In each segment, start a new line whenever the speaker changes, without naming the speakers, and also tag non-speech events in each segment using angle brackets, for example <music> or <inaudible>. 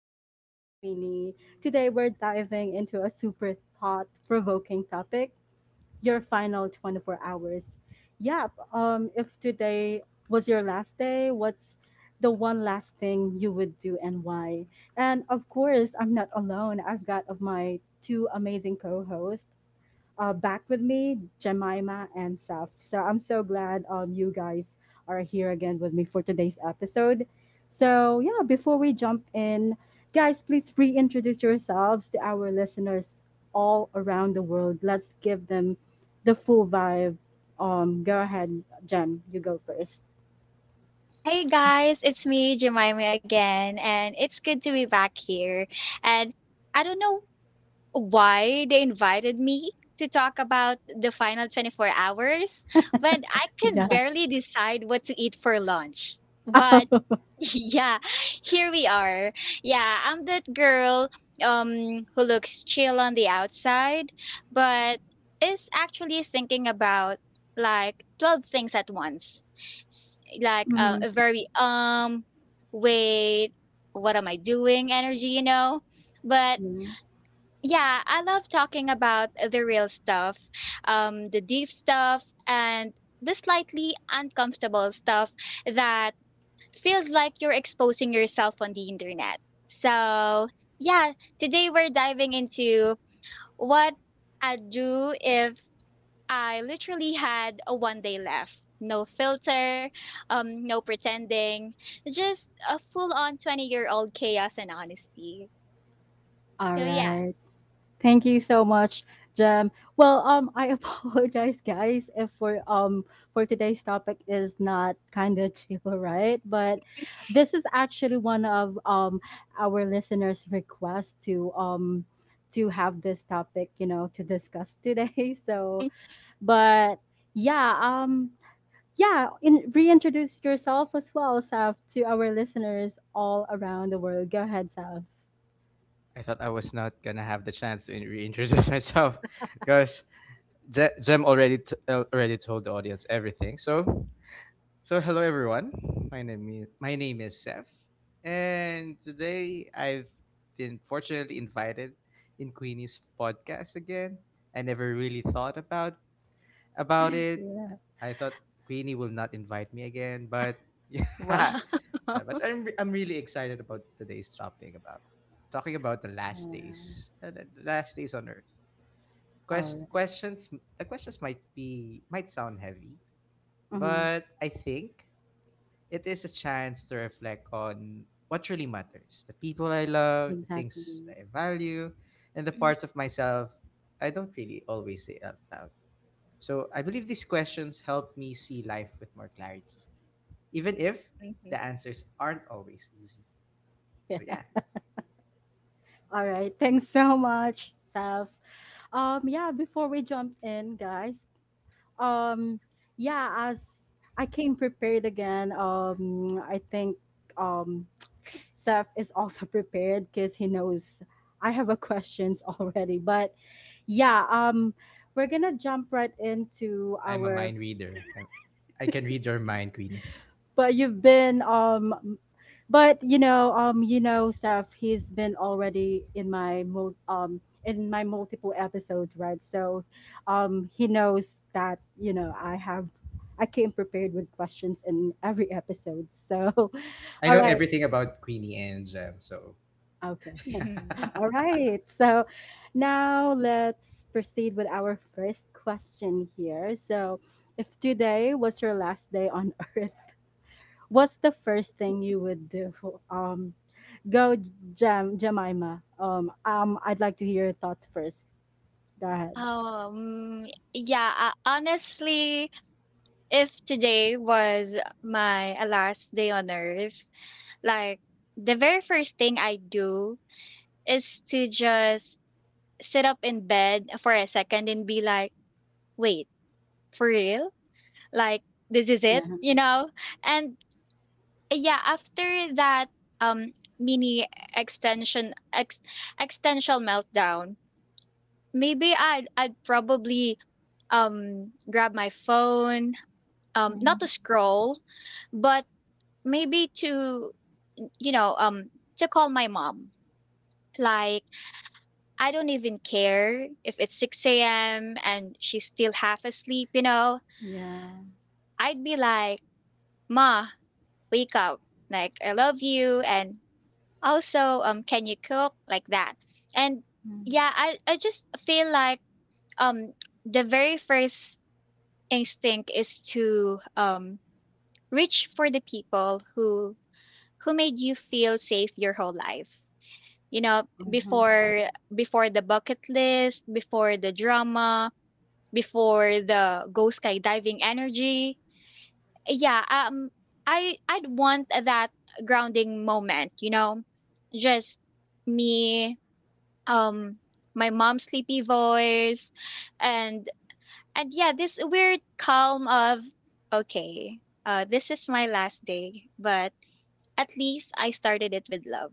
Talks with Queenie. Today we're diving into a super thought provoking topic, your final 24 hours. Yep, if today was your last day, what's the one last thing you would do and why? And of course, I'm not alone. I've got of my two amazing co hosts back with me, Jemima and Saf. So I'm so glad you guys are here again with me for today's episode. Before we jump in, guys, please reintroduce yourselves to our listeners all around the world. Let's give them the full vibe. Go ahead, Jem, you go first.
Hey guys, it's me, Jemima again, and it's good to be back here. And I don't know why they invited me to talk about the final 24 hours when I can
Yeah.
barely decide what to eat for lunch. But <laughs> yeah, here we are. Yeah, I'm that girl who looks chill on the outside but is actually thinking about like 12 things at once.
Mhm.
A very wait, what am I doing energy, you know? But
Yeah.
yeah, I love talking about the real stuff, the deep stuff, and the slightly uncomfortable stuff that feels like you're exposing yourself on the internet. So, yeah, today we're diving into what I'd do if I literally had a 1 day left. No filter, no pretending, just a full on 20-year-old chaos and honesty.
All
So, yeah.
right. Thank you so much, Jem. I <laughs> apologize, guys, if for for today's topic is not kind of chill, <laughs> right? But this is actually one of our listeners' request to have this topic, you know, to discuss today. <laughs> So,
<laughs>
but yeah, yeah, in, Reintroduce yourself as well, Saf, to our listeners all around the world. Go ahead, Saf.
I thought I was not gonna have the chance to reintroduce <laughs> myself because Jem already already told the audience everything. So so hello everyone. My name is Seth, and today I've been fortunately invited in Queenie's podcast again. I never really thought about
<laughs>
it.
Yeah.
I thought Queenie will not invite me again, but <laughs>
Wow.
yeah, but I'm really excited about today's topic about talking about the last
Yeah.
days, the last days on Earth.
All
Questions. The questions might sound heavy,
right.
but I think it is a chance to reflect on what really matters: the people I love, the
Exactly.
things I
<laughs>
value, and the parts
<laughs>
of myself I don't really always say out loud. So I believe these questions help me see life with more clarity, even if
Mhm.
the answers aren't always easy. So
Yeah.
yeah.
All right. Thanks so much, Saf. Yeah, Before we jump in, guys, um, yeah, as I came prepared again, I think, um, <sniffs> <tsk> Saf is also <laughs> prepared because he knows I have a questions <laughs> already. But yeah, um, we're gonna jump right into
I'm a
our
mind reader. I can read your mind, Queenie.
but you've been but you know Steph, he's been already in my multiple episodes, right? So he knows that you know I have, I came prepared with questions in every episode. So <laughs>
I
all
know
right.
everything about Queenie and Jam, so.
Okay. <laughs>
<laughs>
<laughs>
All right. So now let's proceed with our first question here. So if today was your last day on <laughs> earth, what's the first thing you would do? Um, go, Jam Jemima. I'd like to hear your thoughts first. Go ahead.
Oh, um, yeah. Honestly, if today was my last day on earth, like the very first thing I do is to just sit up in bed for a second and be like, wait, for real? Like, this is it,
Yeah.
you know? And yeah, after that um mini extension ex extension meltdown, maybe I'd probably grab my phone, not to
Mhm.
scroll but maybe to you know um to call my mom. Like, I don't even care if it's 6 a.m. and she's still half asleep, you know?
Yeah.
I'd be like, ma, wake up, like I love you. And also, can you cook like that? And yeah, I just feel like um the very first instinct is to reach for the people who made you feel safe your whole life, you know,
Mm-hmm.
before the bucket list, before the drama, before the go skydiving energy. Yeah, I'd want that grounding moment, you know? Just me, um my mom's sleepy voice, and yeah, this weird calm of okay, this is my last day, but at least I started it with love.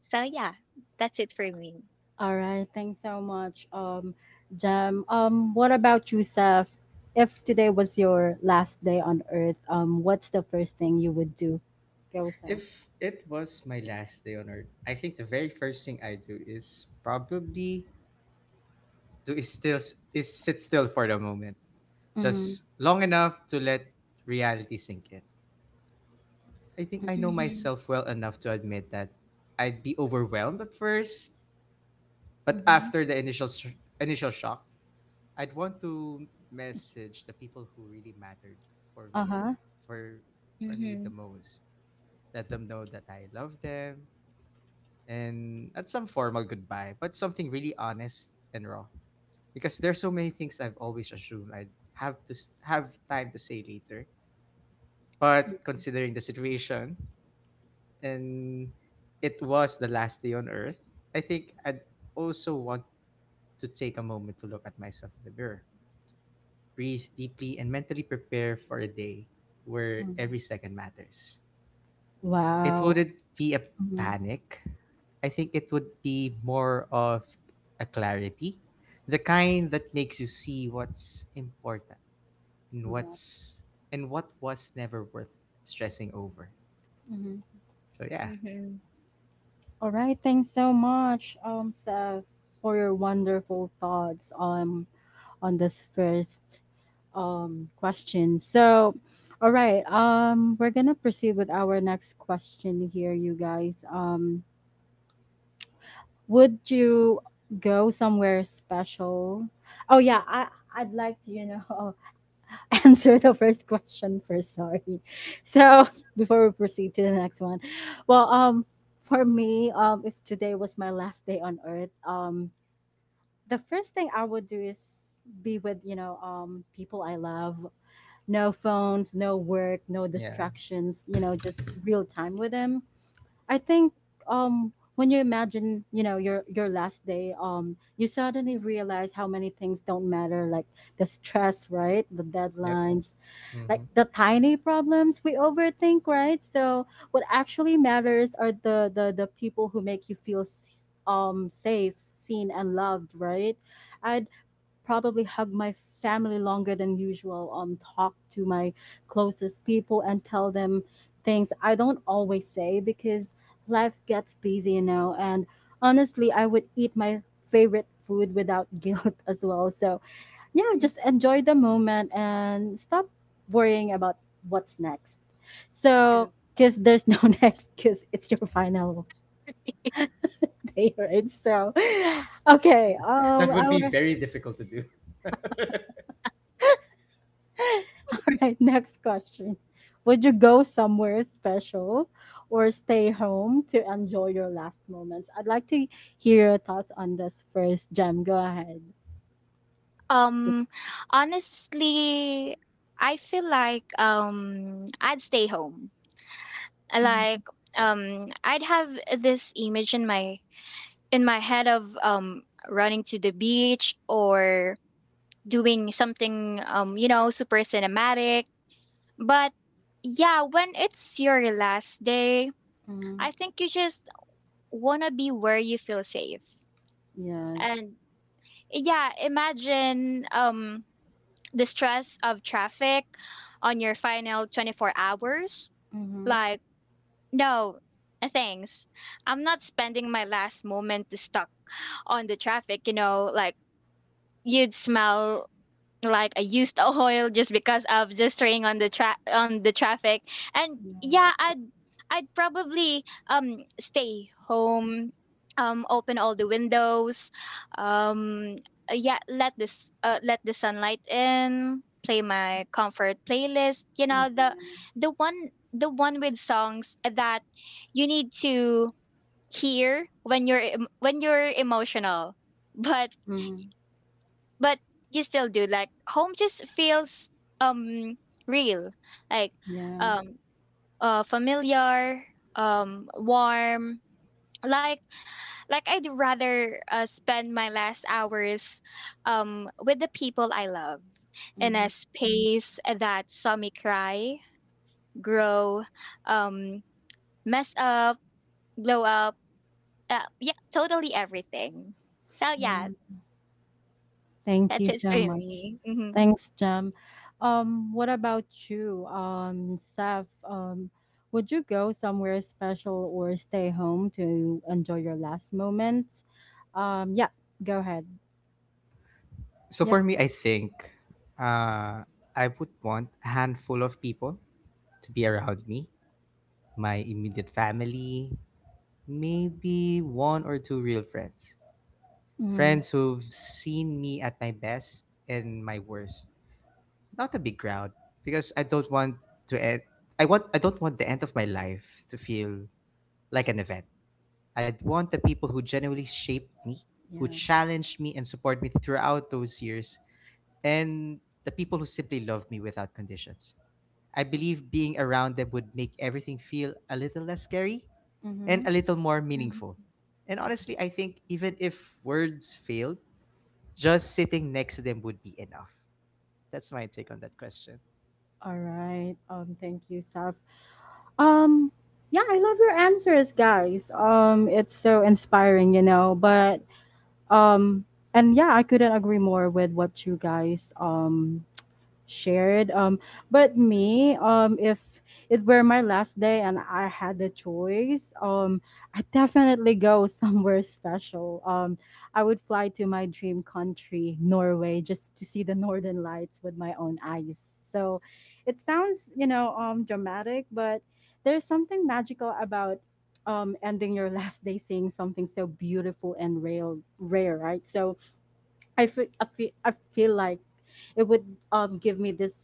So yeah, that's it for me.
All right. Thanks so much, Jam. What about you, Seth? If today was your last day on Earth, what's the first thing you would do? Go, Seth.
If it was my last day on earth, I think the very first thing I do is probably do is still is sit still for the moment,
Mm-hmm.
just long enough to let reality sink in. I think I know
Mhm.
myself well enough to admit that I'd be overwhelmed at first, but
Mm-hmm.
after the initial shock, I'd want to message the people who really mattered for
Uh
me at,
huh.
for for me the
Mhm.
most. Let them know that I love them and at some formal goodbye, but something really honest and raw. Because there's so many things I've always assumed I'd have time to say later. But
Mm-hmm.
considering the situation and it was the last day on earth, I think I'd also want to take a moment to look at myself in the mirror, breathe deeply, and mentally prepare for a day where every second matters. It
Wow.
wouldn't be a
Mm-hmm.
panic. I think it would be more of a clarity, the kind that makes you see what's important and
Yeah.
what's and what was never worth stressing over.
Mm-hmm.
So yeah,
Mhm.
All right, thanks so much, Seth, for your wonderful thoughts on this first question. So, all right, we're gonna proceed with our next question here, you guys. Would you go somewhere special? Oh yeah, I I'd like to, you know, <laughs> <laughs> answer the first question first. Sorry. So, <laughs> before we proceed to the next one, well, um, for me, if today was my last day on earth, the first thing I would do is be with people I love. No phones, no work, no
yeah,
distractions. You know, just real time with them. I think when you imagine, you know, your last day, you suddenly realize how many things don't matter, like the stress, right? The
yep.
deadlines, like
Hmm.
the tiny problems we overthink, right? So what actually matters are the people who make you feel safe, seen and loved, right? I'd probably hug my family longer than usual, talk to my closest people and tell them things I don't always say because life gets busy, you know. And honestly, I would eat my favorite food without <laughs> guilt as well. So, yeah,
Mm.
just enjoy the moment and stop worrying about what's next.
True.
So, because there's no <laughs> next, because it's your final <laughs> day, right? So, okay, um,
That would
our
be very difficult to do. <laughs>
<laughs> all right, next question. Would you go somewhere special or stay home to enjoy your last moments? I'd like to hear your thoughts on this first, Jem. Go ahead.
Um Honestly, I feel like I'd stay home. Like, I'd have this image in my head of running to the beach or doing something, you know, super cinematic, but yeah, when it's your last day,
Mm-hmm.
I think you just wanna be where you feel safe.
Yes.
And yeah, imagine the stress of traffic on your final 24 hours.
Mm-hmm.
Like, no, thanks. I'm not spending my last moment stuck on the traffic, you know, like you'd smell like I used the oil just because of just staying on the traffic. And
Yeah.
yeah, I'd probably stay home, open all the windows, um yeah, let this let the sunlight in, play my comfort playlist, you
Yeah.
know, the one with songs that you need to hear when when you're emotional. <laughs> But
Mm-hmm.
but you still do, like home just feels um real, like,
Yeah.
um familiar, warm. like like I'd rather spend my last hours with the people I love in a
Mm-hmm.
space that saw me cry, grow, um mess up, glow up, yeah, totally everything. So
Yeah.
yeah,
Thank you
that's it
so
for
much.
me. Hmm.
Thanks, Jem. What about you, Seth? Would you go somewhere special or stay home to enjoy your last moments? Um, yeah, Go ahead.
So
Yep.
for me, I think uh, I would want a handful of people to be around me, my immediate family, maybe one or two real friends.
Hmm.
Friends who've seen me at my best and my worst. Not a big crowd because I don't want to end I don't want the end of my life to feel like an event. I'd want the people who genuinely shaped me, who
Yeah.
challenged me and supported me throughout those years, and the people who simply loved me without conditions. I believe being around them would make everything feel a little less scary and
Mm-hmm.
a little more
Mhm.
meaningful. And honestly, I think even if words failed, just sitting next to them would be enough. That's my take on that question.
All right. Thank you, Seth. Um, yeah, I love your answers, guys. It's so inspiring, you know. But um, and yeah, I couldn't agree more with what you guys shared. But me, if it were my last day and I had the choice, I definitely go <laughs> somewhere special. I would fly to my dream country, Norway, just to see the northern lights with my own eyes. So, it sounds, you know, dramatic, but there's something magical about ending your <laughs> last day seeing something so beautiful and real rare, right? So I feel like it would give me this,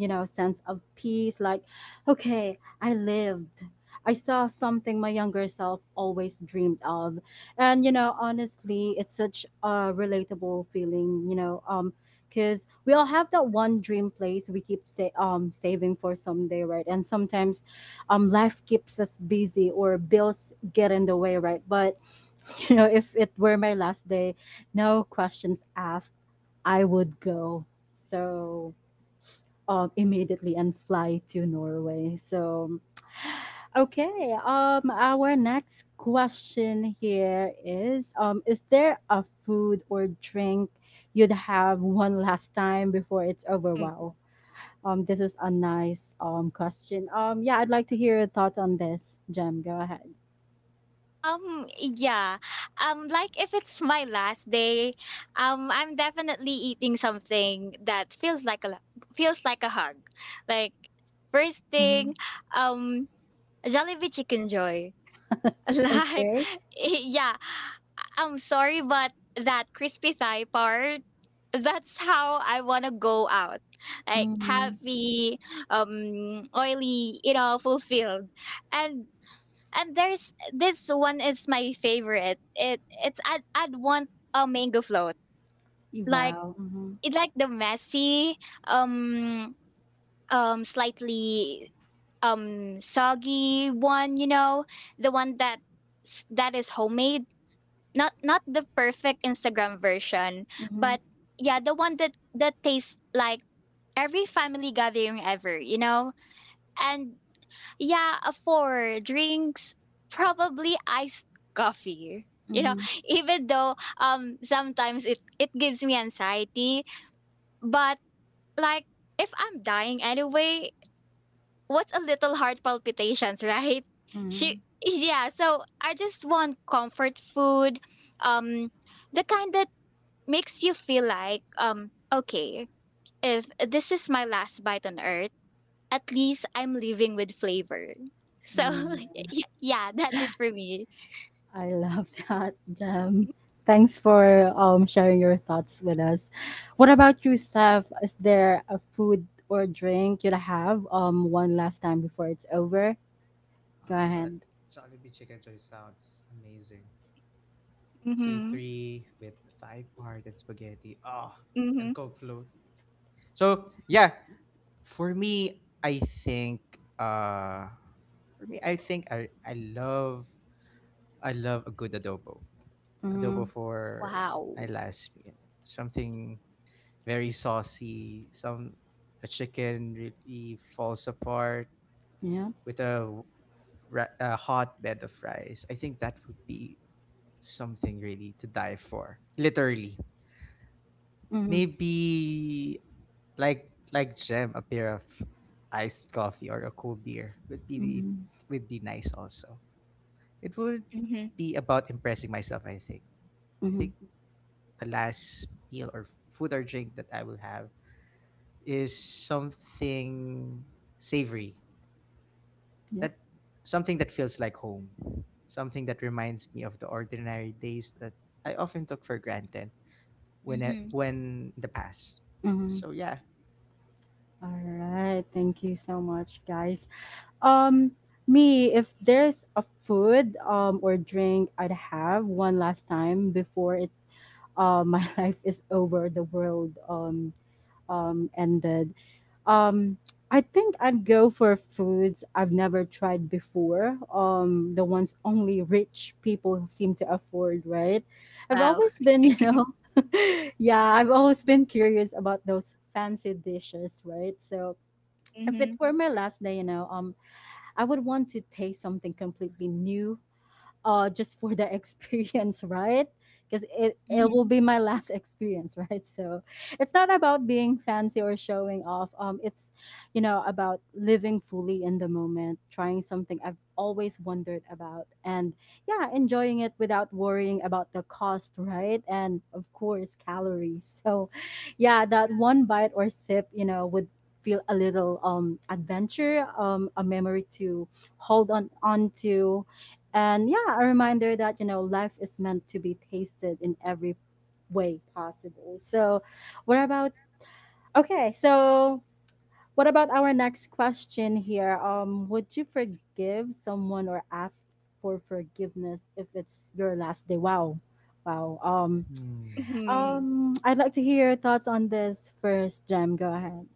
you know, sense of peace, like, okay, I lived, I saw something my younger self always dreamed of. And you know, honestly, it's such a relatable feeling, because we all have that one dream place we keep saving for someday, right? And sometimes life keeps us busy or bills get in the way, right? But <laughs> you know, if it were my last day, no questions asked, I would go. So, immediately and fly to Norway. So, okay. Our next question here is there a food or drink you'd have one last time before it's over? Wow. This is a nice question. Yeah, I'd like to hear your thoughts on this, Jem. Go ahead.
Yeah. Like if it's my last day, I'm definitely eating something that feels like a hug. Like first
Mhm.
thing, um, Jollibee Chicken Joy.
<laughs>
<laughs> Like,
Okay.
yeah. I'm sorry, but that crispy thigh part, that's how I wanna go out. Like
Mhm.
happy, oily, you know, fulfilled. And there's this one is my favorite. It it's I'd want a mango float.
Y
Like
wow, mhm,
it like the messy, um slightly soggy one, you know, the one that that is homemade. Not the perfect Instagram version,
mhm,
but yeah, the one that tastes like every family gathering ever, you know? And yeah, for drinks, probably iced coffee. You know,
mhm,
<laughs> even though sometimes it gives me anxiety, but like if I'm dying anyway, what's a little heart palpitations, <laughs> right? She
mhm,
Yeah, so I just want comfort food, um the kind that makes you feel like okay, if this is my last bite on earth, at least I'm living with flavor. So <laughs>
yeah.
y yeah, that's it for me.
I love <laughs> that, Jam. Thanks for sharing your thoughts with us. What about you, Steph? Is there a food or drink you'd have one last time before it's over? Go
Uh, jo-
ahead.
Jollibee chicken joy sounds amazing.
Mhm,
C3 with thigh part and spaghetti. Oh, and
mhm.
coke float. So yeah, for me, I think uh, I love a good adobo,
Mm-hmm.
for my
Wow.
last meal. Something very saucy. Some The chicken really falls apart
Yeah.
with a hot bed of rice. I think that would be something really to die for. Literally,
Mm-hmm.
maybe like Gem, a pair of iced coffee or a cold beer would be
Mm-hmm.
nice also. It would
Mhm,
be about impressing myself, I think. I
Mm-hmm.
think the last meal or food or drink that I will have is something savory.
Yep.
That Something that feels like home. Something that reminds me of the ordinary days that I often took for granted when I,
mhm.
when in the past.
Mm-hmm.
So yeah.
All right. Thank you so much, guys. Um, if there's a food or drink I'd have one last time before it's my <laughs> life is over, the world ended. Um, I think I'd go for foods I've never tried before. The ones only rich people seem to afford, right? I've
Wow.
always been, <laughs> you know, <laughs> yeah, I've always been curious about those fancy dishes, right? So if
Mhm.
it were my last day, you know, I would want to taste something completely new, uh, just for the <laughs> experience, right? Because it
Mhm.
will be my last <laughs> experience, right? So it's not about being fancy or showing off, it's, you know, about living fully in the moment, trying something I've always wondered about, and yeah, enjoying it without worrying about the cost, right? And of course calories. <laughs> So yeah, that one bite or sip, you know, would feel a little adventure, a memory to hold on to, and yeah, a reminder that, you know, life is meant to be tasted in every way possible. So, what about, okay, so what about our next question here? Would you forgive someone or ask for forgiveness if it's your last day? Wow. Wow.
Hmm.
Mhm.
I'd like to hear your thoughts on this first, Jem. Go ahead.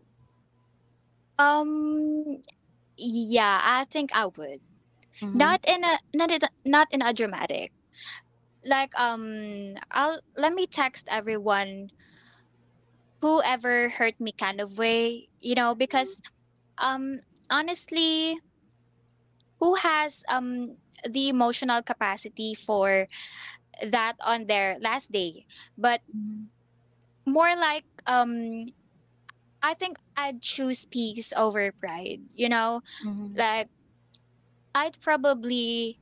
Um, yeah, I think I would.
Mm-hmm.
Not in a dramatic. Like, I'll let me text everyone whoever hurt me kind of way, you know, because um honestly, who has the emotional capacity for that on their last day? But
Mm-hmm.
more like, I think I'd choose peace over pride, you know?
Mm-hmm.
Like, I'd probably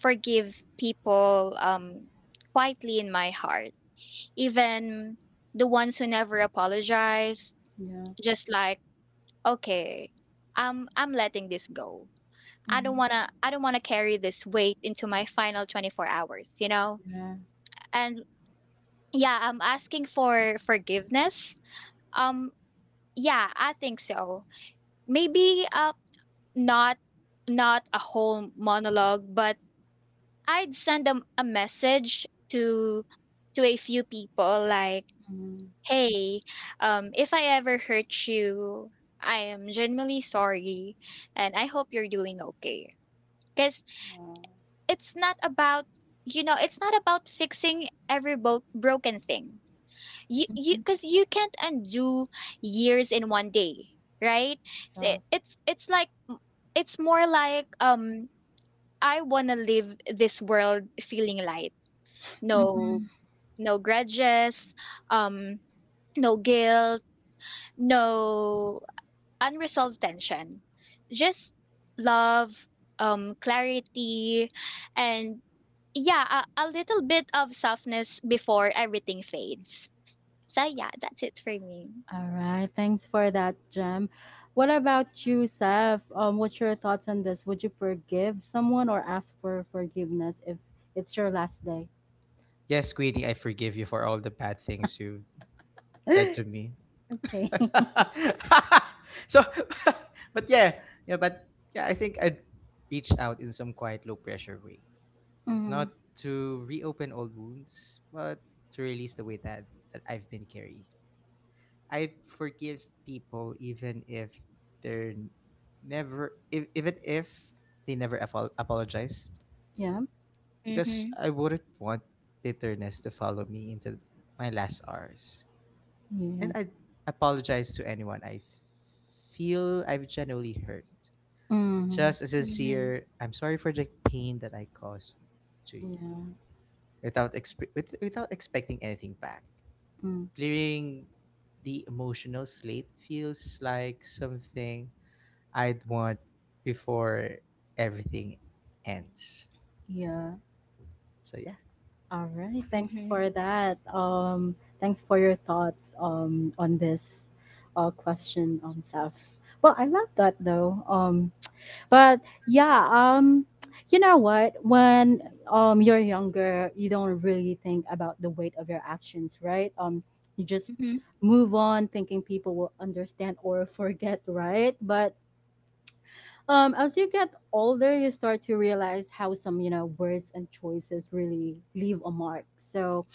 forgive people quietly in my heart. Even the ones who never apologize,
Yeah.
just like, okay, I'm letting this go. I don't
Mm-hmm.
wanna I don't wanna carry this weight into my final 24 hours, you know?
Yeah.
And yeah, I'm asking for forgiveness. Um Yeah, I think so. Maybe not a whole monologue, but I'd send them a message to a few people like,
Mm-hmm.
"Hey, if I ever hurt you, I am genuinely sorry and I hope you're doing okay." Cuz it's not about, it's not about fixing every broken thing. You Because you can't undo years in 1 day, right? So
Yeah.
it's it's like it's more like, I want to live this world feeling light, no
Mm-hmm.
no grudges, um no guilt, no unresolved tension, just love, clarity, and yeah, a little bit of softness before everything fades. So yeah, that's it for me.
All right. Thanks for that, Jem. What about you, Seth? What's your thoughts on this? Would you forgive someone or ask for forgiveness if it's your last day?
Yes, Queenie, I forgive you for all the bad things you've said to me.
<laughs> Okay. <laughs>
<laughs> So, <laughs> but yeah, yeah, but yeah, I think I'd reach out in some quiet, low pressure way,
Mm-hmm.
not to reopen old wounds, but to release the weight that I've been carrying. I forgive people even if they're even if they never apologize,
Yeah.
because
Mm-hmm.
I wouldn't want bitterness to follow me into my last hours. And
Yeah.
I apologize to anyone I feel I've genuinely hurt.
Mm-hmm.
Just a
Mhm,
sincere, I'm sorry for the pain that I caused to you,
Yeah.
without expecting anything back.
Mm.
Clearing the emotional slate feels like something I'd want before everything ends.
Yeah.
So yeah,
All right. Thanks
mhm,
for that. Thanks for your thoughts on this question, Seth. Well, I love that though. But yeah um you know what, when you're younger you don't really think about the weight of your actions, right? You just
mhm,
move on thinking people will understand or forget, right? But as you get older you start to realize how some, you know, words and choices really leave a mark. So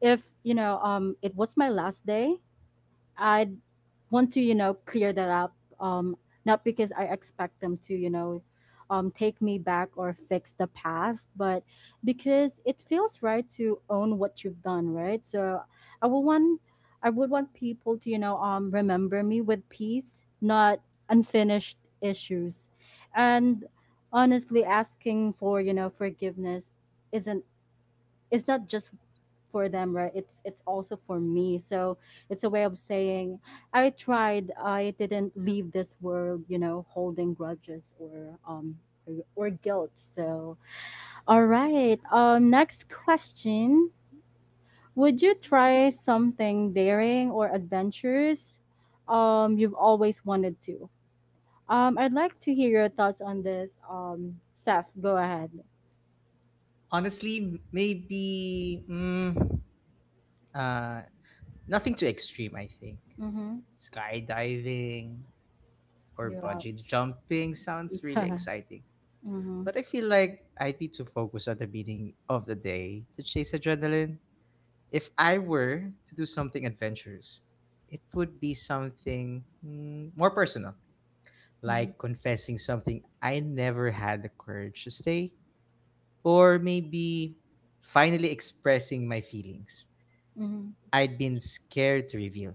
if, you know, it was my last day, I want to, you know, clear that up. Um, Not because I expect them to, you know, take me back or fix the past, but because it feels right to own what you've done, right? So I would want, I would want people to, you know, remember me with peace, not unfinished issues, and honestly, asking for, you know, forgiveness isn't, it's not just for them, right? It's also for me. So it's a way of saying I tried, I didn't leave this world, you know, holding grudges or, or guilt. So all right, next question, would you try something daring or adventurous you've always wanted to? I'd like to hear your thoughts on this, Seth. Go ahead.
honestly, uh, nothing too extreme. I think
Mm-hmm.
skydiving or
You're out.
bungee jumping sounds
<laughs>
really
Yeah.
exciting.
Mm-hmm.
But I feel like I'd be too focused on the meaning of the day to chase adrenaline. If I were to do something adventurous, it would be something more personal, like confessing something I never had the courage to say, or maybe finally expressing my feelings
Mm-hmm.
I'd been scared to reveal.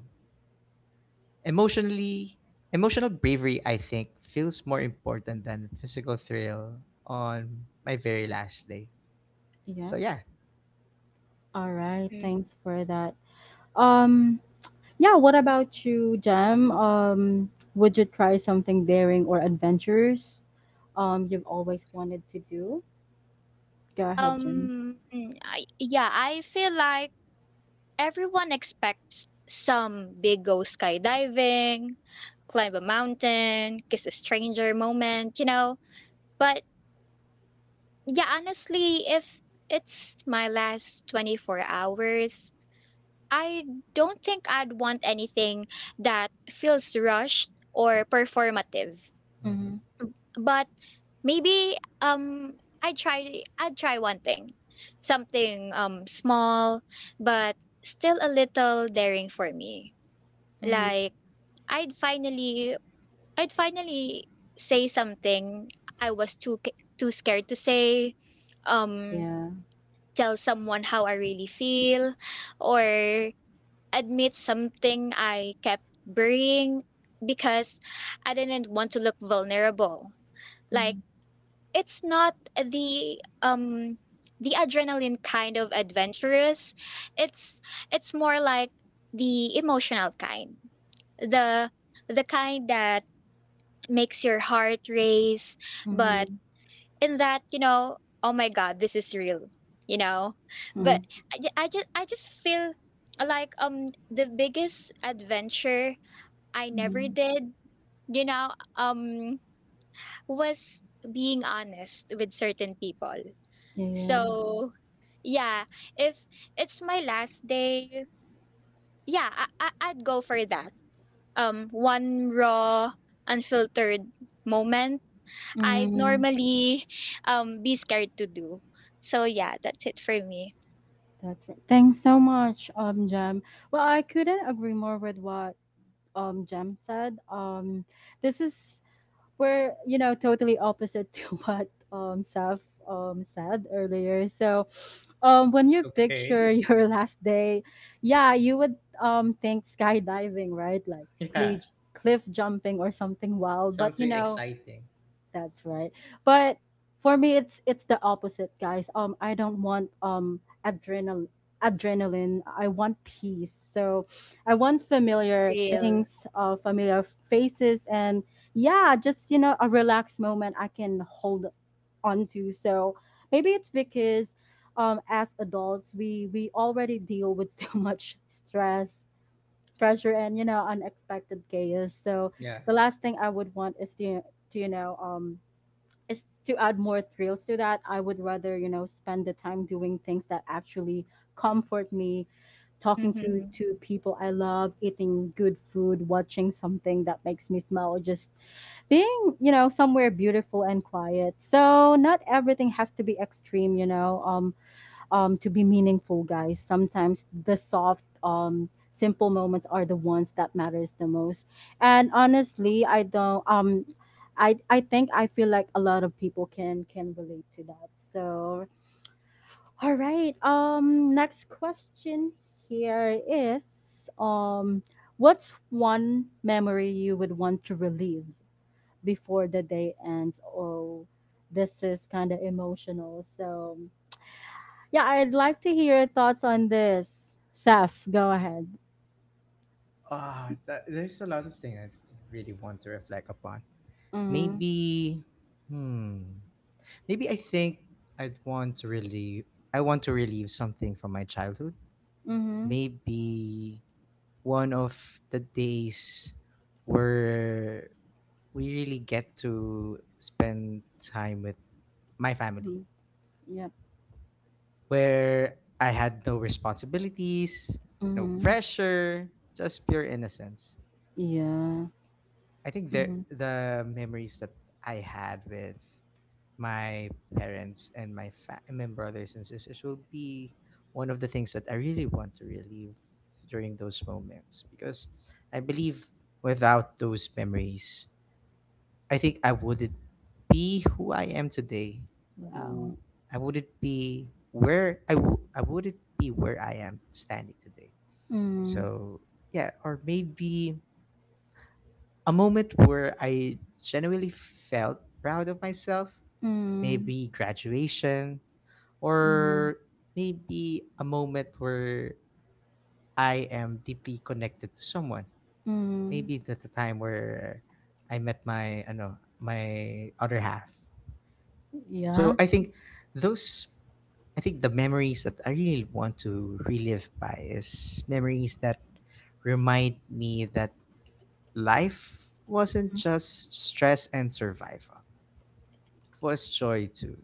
Emotionally, emotional bravery, I think, feels more important than physical thrill on my very last day. So,
Yep.
yeah.
All right.
mhm.
Thanks for that. Um, yeah, what about you, Jem? Would you try something daring or adventurous? You've always wanted to do. Go ahead, Jem.
Yeah, I feel like everyone expects some big go skydiving, climb a mountain, kiss a stranger moment, you know. But yeah, honestly, if it's my last 24 hours, I don't think I'd want anything that feels rushed or performative.
Mm-hmm.
Hmm.
Mm. But maybe, I'd try one thing. Something small but still a little daring for me.
Mm-hmm.
Like, I'd finally I'd finally say something I was too too scared to say. Um
Yeah.
Tell someone how I really feel, or admit something I kept burying because I didn't want to look vulnerable. Like,
Mm-hmm.
it's not the the adrenaline kind of adventurous, it's more like the emotional kind, the kind that makes your heart race, but
Mm-hmm.
in that, you know, oh my god, this is real, you know? But I just feel like the biggest adventure I never
Mm-hmm.
did, you know, was being honest with certain people.
Yeah.
So, yeah, if it's my last day, yeah, I'd go for that. One raw, unfiltered moment I'd
Mm-hmm.
normally be scared to do. So yeah, that's it for me.
That's right. Thanks so much, Jem. Well, I couldn't agree more with what Jem said. This is We're totally opposite <laughs> to what Saf said earlier. So when you
Okay.
picture <laughs>
<laughs>
your last day, yeah, you would think skydiving, right? Like
Yeah.
cliff jumping or something wild. But you
Something
know,
exciting.
that's right. But for me it's the opposite, guys. I don't want adrenaline. I want peace. So I want familiar
Real.
things, familiar faces and yeah, just you know, a relaxed moment I can hold on to. So maybe it's because as adults we already deal with <laughs> so much stress, pressure and you know, unexpected chaos. So
Yeah.
the last thing I would want is to you know is to add more thrills to that. I would rather, you know, spend the time doing things that actually comfort me, talking to
Mm-hmm.
people I love, eating good food, watching something that makes me smile, or just being, you know, somewhere beautiful and quiet. So not everything has to be extreme, you know. To be meaningful, guys. Sometimes the soft, simple moments are the ones that matters the most. And honestly, I don't. I think I feel like a lot of people can relate to that. So all right. Next question here is what's one memory you would want to relive before the day ends? Oh, this is kind of emotional. So yeah, I'd like to hear your thoughts on this. Saf, go ahead.
Ah, there's a lot of things I really want to reflect upon.
Mm-hmm.
Maybe, hmm, maybe I think I'd want to really, I want to relieve something from my childhood.
Mm-hmm.
Maybe one of the days where we really get to spend time with my family,
Mm-hmm. Yep.
where I had no responsibilities, no
Mm-hmm.
pressure, just pure innocence.
Yeah.
I think
Mm-hmm.
the memories that I had with my parents and and my brothers and sisters will be one of the things that I really want to relive during those moments because I believe without those memories, I think I wouldn't be who I am today.
Wow.
Who I wouldn't be where I w- I wouldn't be where I am standing today.
Mm-hmm.
So yeah, or maybe a moment where I genuinely felt proud of myself,
Mm-hmm.
maybe graduation,
Mm-hmm.
or maybe a moment where I am deeply connected to someone.
Hmm.
Maybe at the time where I met my I know my other half. So
Yeah.
I think those the memories that I really want to relive by is memories that remind me that life wasn't just stress and survival, was joy too.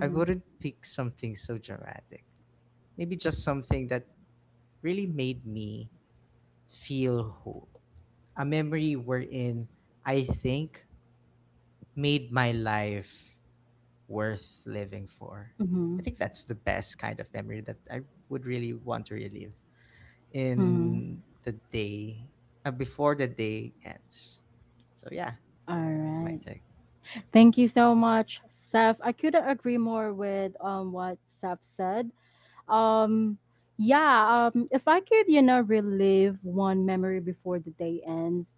I wouldn't pick something so dramatic. Maybe just something that really made me feel whole. A memory wherein I think made my life worth living for. I
Mm-hmm.
think that's the best kind of memory that I would really want to relive
Mm-hmm.
in the day, before the day ends. So, yeah,
All
that's my
right.
take.
Thank you so much, Seth. I couldn't agree more with what Seth said. Um yeah, if I could, you know, relive one memory before the day ends,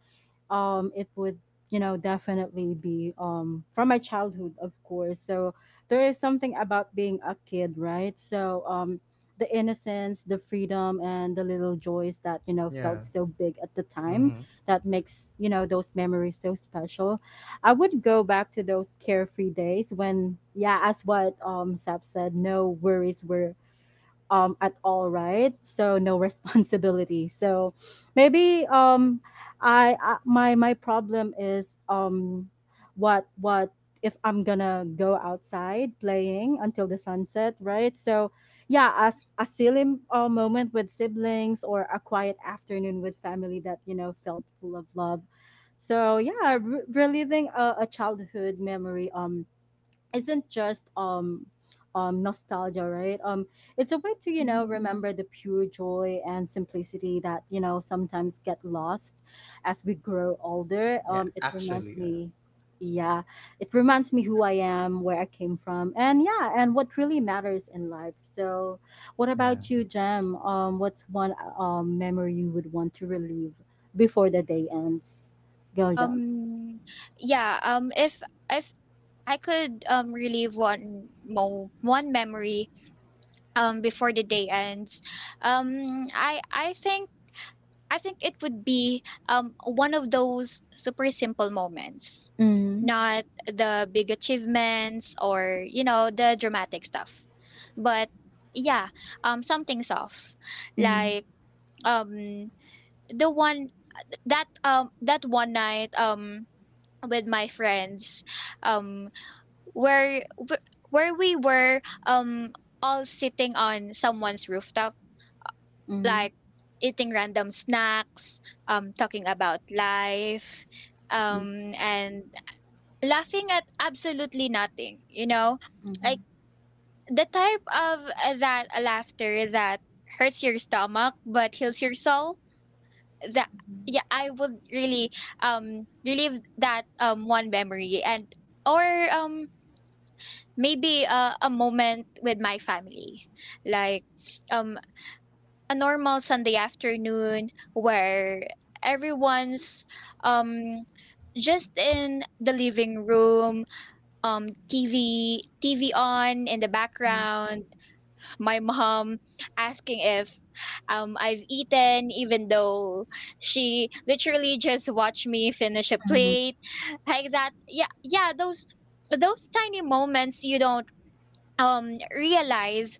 it would you know definitely be from my childhood, of course. So there is something about being a kid, right? So the innocence, the freedom, and the little joys that you know
Yeah.
felt so big at the time,
Mm-hmm.
that makes you know those memories so special. I would go back to those carefree days when, yeah, as what sap said, no worries were at all, right? So no <laughs> responsibility. So maybe I my my problem is what if I'm gonna go outside playing until the sunset, right? So yeah, as a silly moment with siblings or a quiet afternoon with family that you know felt full of love. So yeah, reliving a childhood memory isn't just nostalgia, right? It's a way to you know
Hmm.
remember the pure joy and simplicity that you know sometimes get lost as we grow older.
Yeah,
It reminds
actually, uh,
me, yeah, it reminds me who I am, where I came from, and yeah, and what really matters in life. So what
yeah.
about you, Jam? What's one memory you would want to relive before the day ends? Go, Jam.
Um, yeah. If I could relive one mo one memory before the day ends, um, I I think. I think it would be one of those super simple moments,
Mm-hmm.
not the big achievements or, you know, the dramatic stuff. But yeah, something's off. Like, um, the one that that one night with my friends, um, where wh- where we were all sitting on someone's rooftop,
Mm-hmm.
like eating random snacks, talking about life,
Mm-hmm.
and laughing at absolutely nothing, you know? Like,
Mm-hmm.
the type of that laughter that hurts your stomach but heals your soul. That Yeah, I would really relive that one memory. And or, um maybe a moment with my family. Like, um a normal Sunday afternoon where everyone's um just in the living room, TV on in the
Mm.
background, my mom asking if I've eaten even though she literally just watched me finish a
Mhm.
plate like that. Yeah, yeah, those tiny moments you don't realize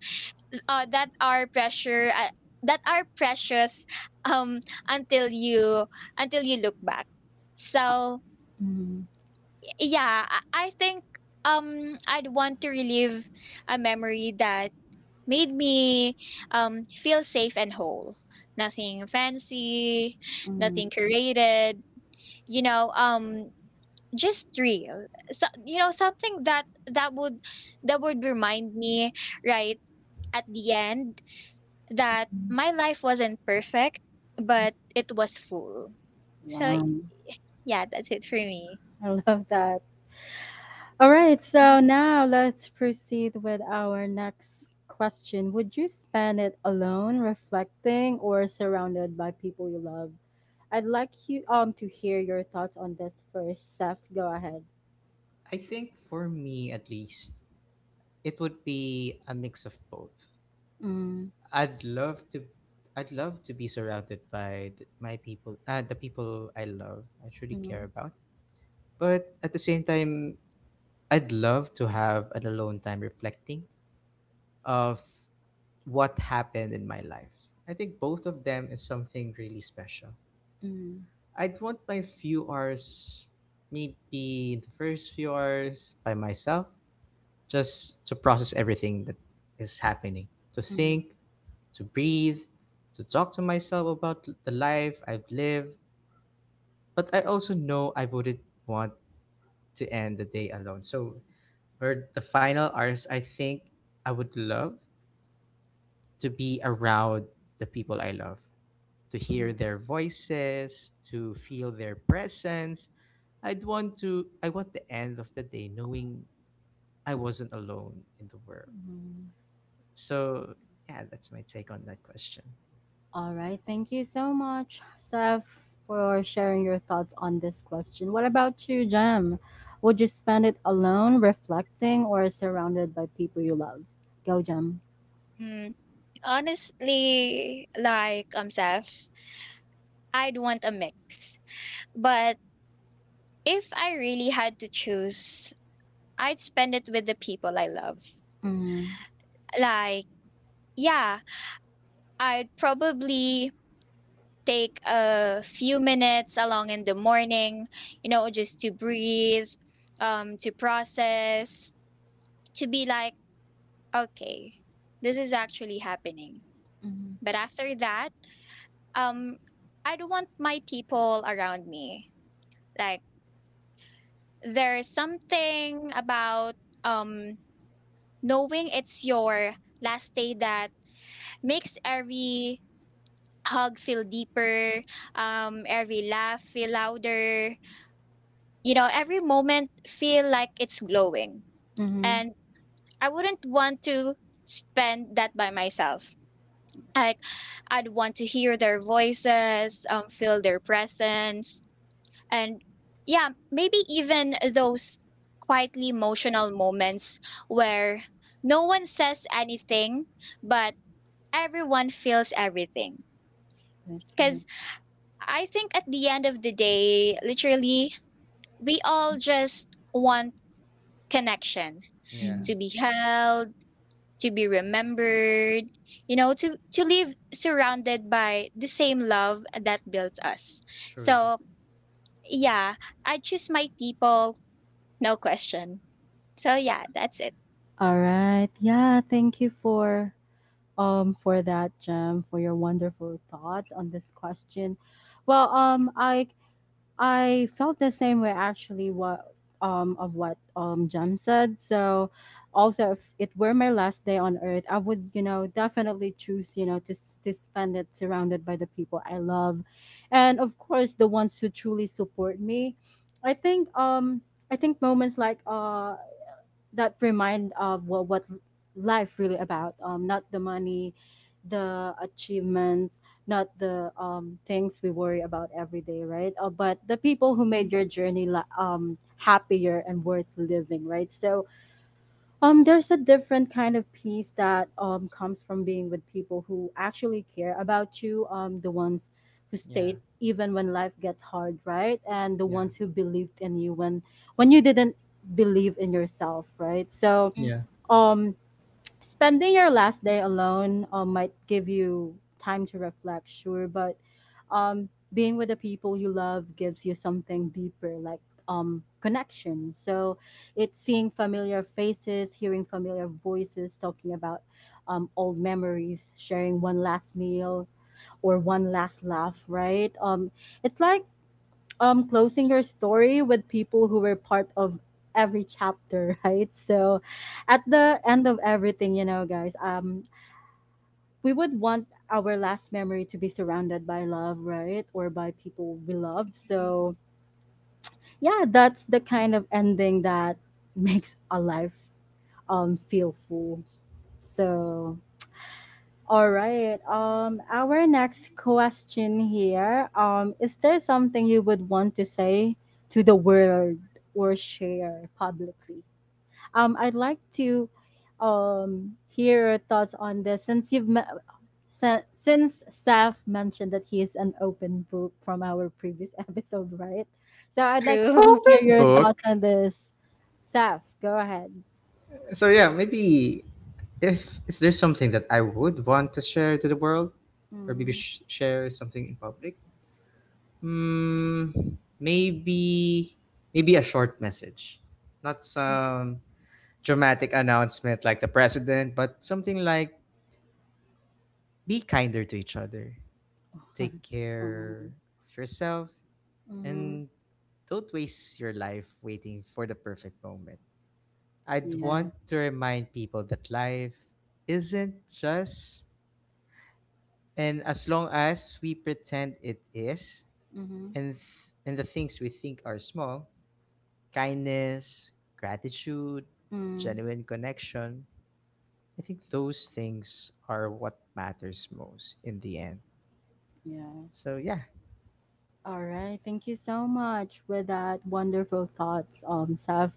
uh, that are pressure uh, that are precious um until you look back.
Uh,
So
mhm,
yeah, I think I'd want to relive a memory that made me feel safe and whole. Nothing fancy,
mhm,
nothing curated, you know, just real. So, you know, something that that would remind me, right, at the end, that
mhm.
my life wasn't perfect, but it was full. So
Wow,
yeah, that's it for me.
I love that. All right,
Mhm.
so now let's proceed with our next question. Would you spend it alone, reflecting, or surrounded by people you love? I'd like you to hear your thoughts on this first, Seth. Go ahead.
I think for me at least, it would be a mix of both.
Mm,
I'd love to I'd love to be surrounded by my people, the people I love, I truly care
mm,
about. But at the same time, I'd love to have an alone time reflecting of what happened in my life. I think both of them is something really special.
mm,
I'd want my few hours, maybe the first few hours by myself, just to process everything that is happening, to
mm,
think, to breathe, to talk to myself about the life I've lived. But I also know I wouldn't want to end the day alone. So, for the final hours, I think I would love to be around the people I love, to hear
mm,
their voices, to feel their presence. I want the end of the day knowing I wasn't alone in the world.
mm.
So yeah, that's my take on that question.
All right. Thank you so much, Steph, for sharing your thoughts on this question. What about you, Jem? Would you spend it alone, reflecting, or surrounded by people you love? Go, Jem.
Mm, honestly, like, Seth, I'd want a mix. But if I really had to choose, I'd spend it with the people I love.
Mm-hmm.
Like, yeah, I'd probably take a few minutes along in the morning, you know, just to breathe, to process, to be like okay, this is actually happening.
Mm-hmm.
But after that, um, I don't want my people around me. Like there's something about um knowing it's your last day that makes every hug feel deeper, every laugh feel louder, you know, every moment feel like it's glowing.
Mm-hmm.
And I wouldn't want to spend that by myself. Like I'd want to hear their voices, feel their presence, and yeah, maybe even those quietly emotional moments where no one says anything, but everyone feels everything.
That's right.
Because I think at the end of the day, literally, we all just want connection,
Yeah,
Mhm.
to be held, to be remembered, to live surrounded by the same love that built us.
truly.
So, yeah, I choose my people, no question. So, yeah, that's it.
All right. Yeah, thank you for that, Jem, for your wonderful thoughts on this question. Well, I I felt the same way actually what of what Jem said. So also if it were my last day on earth, I would, you know, definitely choose, you know, to spend it surrounded by the people I love, and of course the ones who truly support me. I think um I think moments like that remind of what life really about, not the money, the achievements, not the things we worry about every day, right? But the people who made your journey happier and worth living, right? So there's a different kind of peace that comes from being with people who actually care about you, the ones who
Yeah,
stayed even when life gets hard, right, and the
yeah,
ones who believed in you when you didn't believe in yourself, right? So
Mm.
yeah.
um spending your last day alone might give you time to reflect, sure, but being with the people you love gives you something deeper, like connection. So it's seeing familiar faces, hearing familiar voices, talking about old memories, sharing one last meal or one last laugh, right? It's like closing your story with people who were part of every chapter <laughs> right. So at the end of everything, you know, guys, we would want our last memory to be surrounded by love, right, or by people we love. So yeah, that's the kind of ending that <laughs> makes a life feel full. So all right. Our next question here. Is there something you would want to say to the world or share publicly? I'd like to, hear your thoughts on this since you've met. Since Saf mentioned that he is an open book from our previous <laughs> episode, right? So
<laughs>
I'd like to
True.
hear
Open
your
book.
thoughts on this. Saf, go ahead.
So yeah, maybe if is there something that I would want to share to the world, or maybe
Mm,
share something in public? Mm, maybe Maybe a short message, not
mhm.
some dramatic announcement like the president, but something like be kinder to each other, take care
Mhm,
of yourself.
mhm.
And don't waste your life waiting for the perfect moment.
<laughs>
I'd
Yeah.
want to remind people that life isn't just, and as long as we pretend it is,
Mm-hmm.
and and the things we think are small, kindness, gratitude,
Mm,
genuine connection, I think those things are what matters most in the end.
yeah.
So yeah.
All right. Thank you so much with that wonderful thoughts, Saf.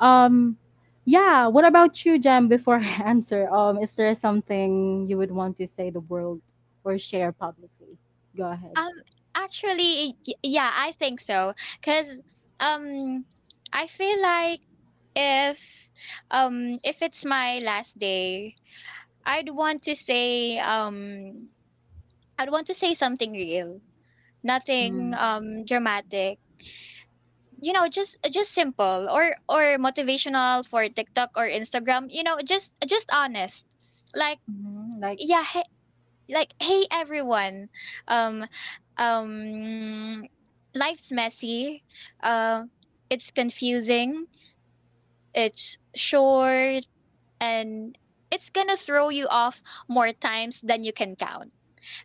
Um, yeah. What about you, Jam? Before I <laughs> answer, is there something you would want to say the world or share publicly? Go ahead.
Um, Actually, y yeah, I think so. Cause, um, I feel like if, if it's my last day, I'd want to say, I'd want to say something real, nothing, dramatic. You know, just simple or motivational for TikTok or Instagram. You know, just honest. Like,
Mm-hmm. Like.
yeah, hey, like hey everyone, um um life's messy, uh it's confusing, it's short, and it's gonna throw you off more times than you can count.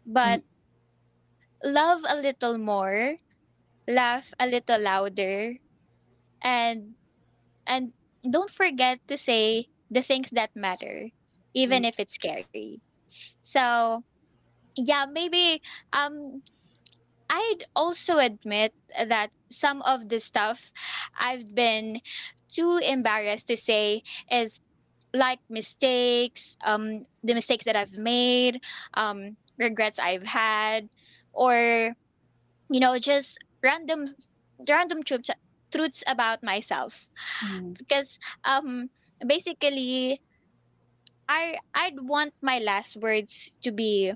But
Mm-mm.
love a little more, laugh a little louder, and and don't forget to say the things that matter, even if it's scary. So yeah, maybe, um I'd also admit that some of the stuff I've been too embarrassed to say is like mistakes, the mistakes that I've made, regrets I've had, or you know, just random random truths about myself. Because um, basically, I'd want my last words to be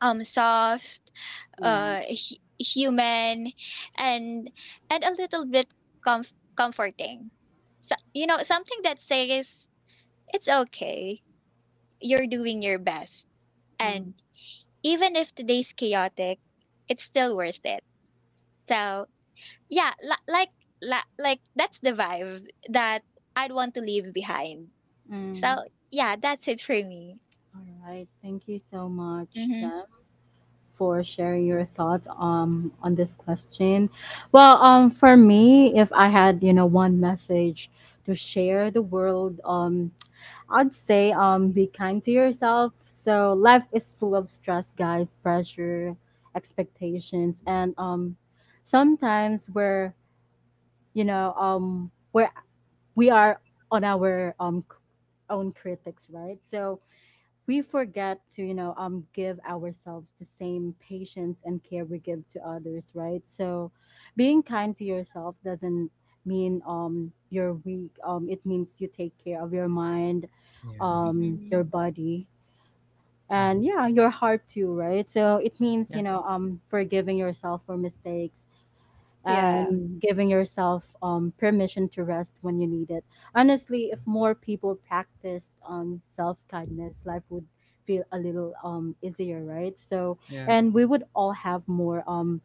soft,
Yeah.
human, and and a little bit comforting. So you know something that says it's okay, you're doing your best, and even if today's chaotic, it's still worth it. So yeah, like like that's the vibe that I'd want to leave behind.
Mm-mm.
So yeah, that's it for me.
All right. Thank you so much,
Mm-hmm.
Jam, for sharing your thoughts on this question. Well, for me, if I had, you know, one message to share the world, I'd say be kind to yourself. So life is full of stress, guys, pressure, expectations, and sometimes we're, you know, we're we are on our own critics, right? So we forget to you know give ourselves the same patience and care we give to others, right? So being kind to yourself doesn't mean you're weak. It means you take care of your mind,
Yeah.
Hmm.
your body, and
Hmm.
yeah, your heart too, right? So it means you
Yeah.
know forgiving yourself for mistakes
Yeah.
and giving yourself permission to rest when you need it. Honestly, if more people practiced self kindness, life would feel a little easier, right? So,
Yeah.
and we would all have more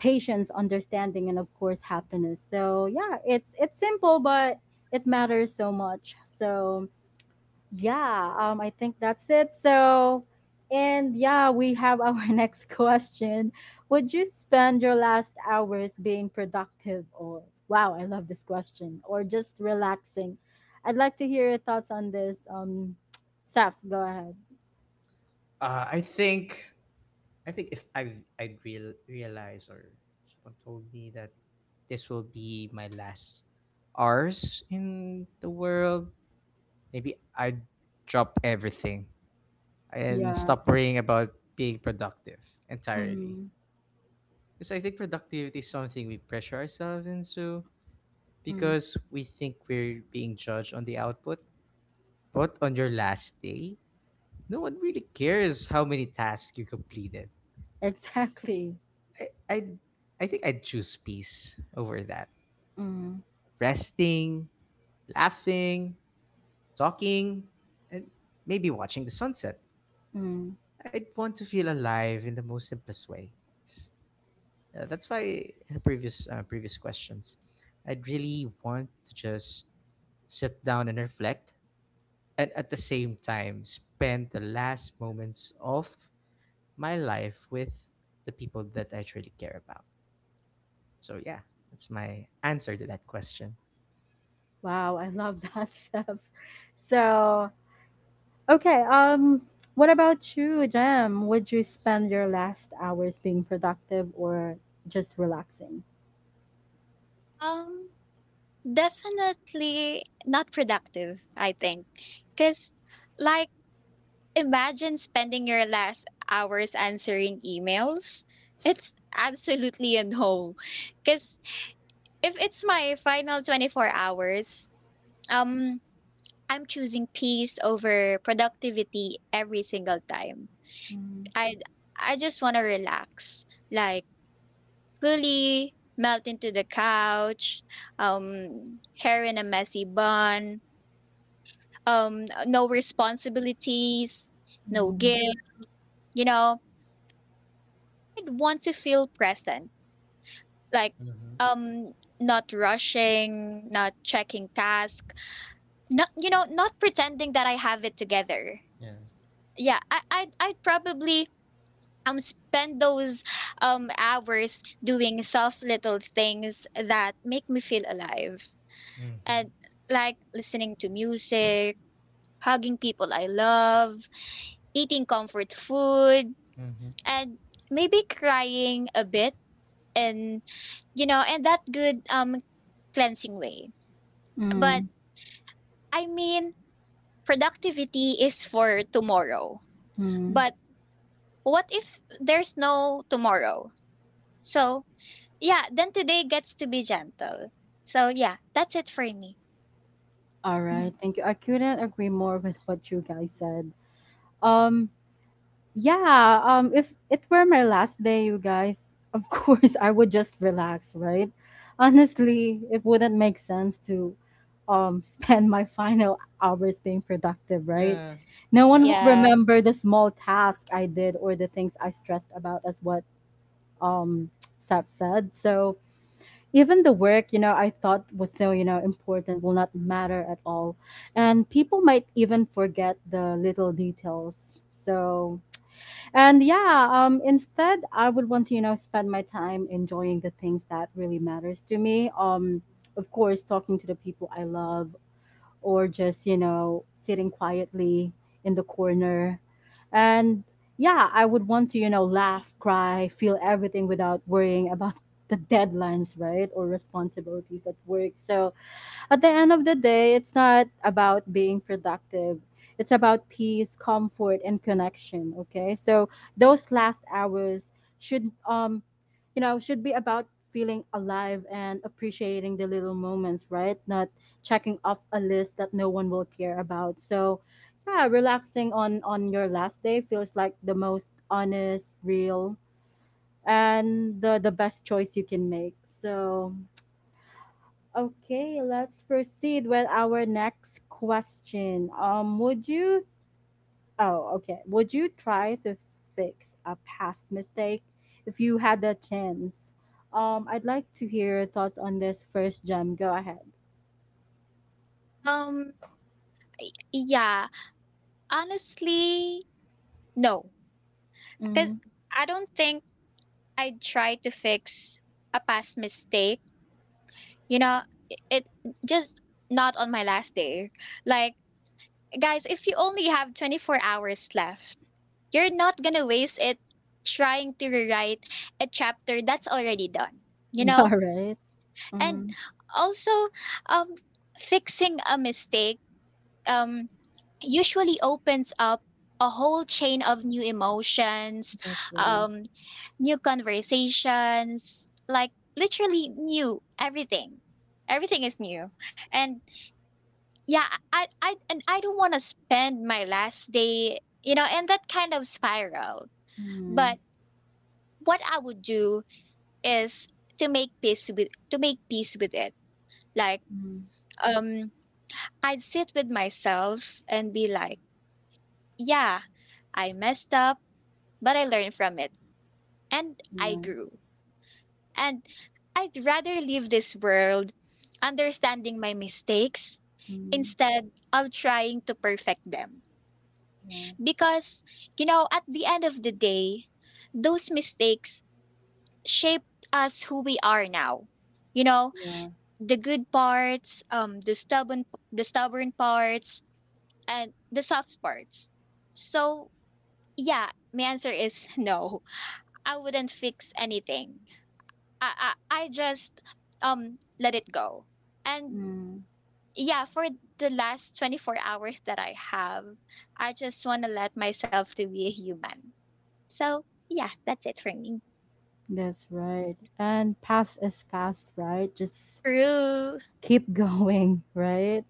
patience, understanding, and of course, happiness. So, yeah, it's simple, but it matters so much. So, yeah, I think that's it. So, and yeah, we have our <laughs> next question. Would you spend your last hours being productive or, wow, I love this question, or just relaxing? I'd like to hear your thoughts on this. <tsk> Saf, go ahead.
Uh, I think I think if I've I'd realize or someone told me that this will be my last hours in the world, maybe I'd drop everything and
Yeah.
stop worrying about being productive entirely.
Mm,
Because I think productivity is something we pressure ourselves into
mm,
because we think we're being judged on the output. But on your last day, no one really cares how many tasks you completed.
<laughs> exactly.
I I I think I'd choose peace over that.
Mm,
Resting, laughing, talking, and maybe watching the sunset.
mm.
I'd want to feel alive in the most simplest way. S- that's why in the previous questions, I'd really want to just sit down and reflect, and at the same time spend the last moments of my life with the people that I truly care about. So yeah, that's my answer to that question.
Wow, I love that, <laughs> Saf. So, okay, what about you, Jam? Would you spend your last hours being productive or just relaxing?
um Definitely not productive, I think. Because, like, imagine spending your last hours answering emails. It's absolutely a no. Because if it's my final 24 hours, um, I'm choosing peace over productivity every single time.
Mm,
I I just want to relax, like fully melt into the couch, hair in a messy bun, no responsibilities, no
mm,
guilt, you know. I'd want to feel present. Like
Mm-hmm.
um not rushing, not checking task, not you know, not pretending that I have it together.
Yeah.
Yeah, I'd probably spend those hours doing soft little things that make me feel alive.
Hmm.
And like listening to music, hugging people I love, eating comfort food, and maybe crying a bit and you know, and that good, cleansing way. But
mm,
I mean, productivity is for tomorrow.
mm.
But what if there's no tomorrow? So yeah, then today gets to be gentle. So yeah, that's it for me.
All
Mhm.
right, thank you. I couldn't agree more with what you guys said. Um Yeah, if it were my last day, you guys, <laughs> of course I would just relax, right? Honestly, it wouldn't make sense to <laughs> spend my final hours being productive, right?
Yeah.
No one
Yeah.
will
Yeah.
remember the small task I did or the things I stressed about as what um <tsk> Seth said. So even the work, you know, I thought was so, you know, important will not matter at all. And people might even forget the little details. So and yeah, instead, I would want to, you know, spend my time enjoying the things that really matters to me. Of course, talking to the people I love, or just, you know, sitting quietly in the corner. And yeah, I would want to, you know, laugh, cry, feel everything without worrying about <laughs> the deadlines, right? Or responsibilities at work. So, at the end of the day, it's not about being productive. It's about peace, comfort, and connection. Okay. So those last hours should you know should be about feeling alive and appreciating the little moments, right? Not checking off a list that no one will care about. So yeah, relaxing on your last day feels like the most honest, real, and the best choice you can make. So okay, let's proceed with our next question. Would you? Oh, okay. Would you try to fix a past mistake if you had the chance? I'd like to hear your thoughts on this first, Gem. Go ahead.
um yeah, honestly, no. Because
Mm,
I don't think I'd try to fix a past mistake. You know, it just not on my last day. Like, guys, if you only have 24 hours left, you're not going to waste it trying to rewrite a chapter that's already done,
<laughs>
you
yeah,
know?
right.
And
Mm,
also, um, fixing a mistake, um, usually opens up a whole chain of new emotions,
that's right.
um, new conversations, like literally new everything. Everything is new. And yeah, I don't want to spend my last day, you know, in that kind of spiral. But
Mm,
what I would do is to make peace with it. Like
mm,
um I'd sit with myself and be like, yeah, I messed up, but I learned from it and I
yeah.
grew. And I'd rather leave this world understanding my mistakes
Mm,
instead of trying to perfect them.
yeah.
Because, you know, at the end of the day, those mistakes shaped us who we are now. You know,
Yeah.
the good parts, the stubborn parts and the soft parts. So yeah, my answer is <laughs> no. I wouldn't fix anything. I just let it go. And
Mm,
yeah, for the last 24 hours that I have, I just want to let myself to be a human. So, yeah, that's it for me.
that's right. And past is past, right? Just
True.
keep <laughs> going, right?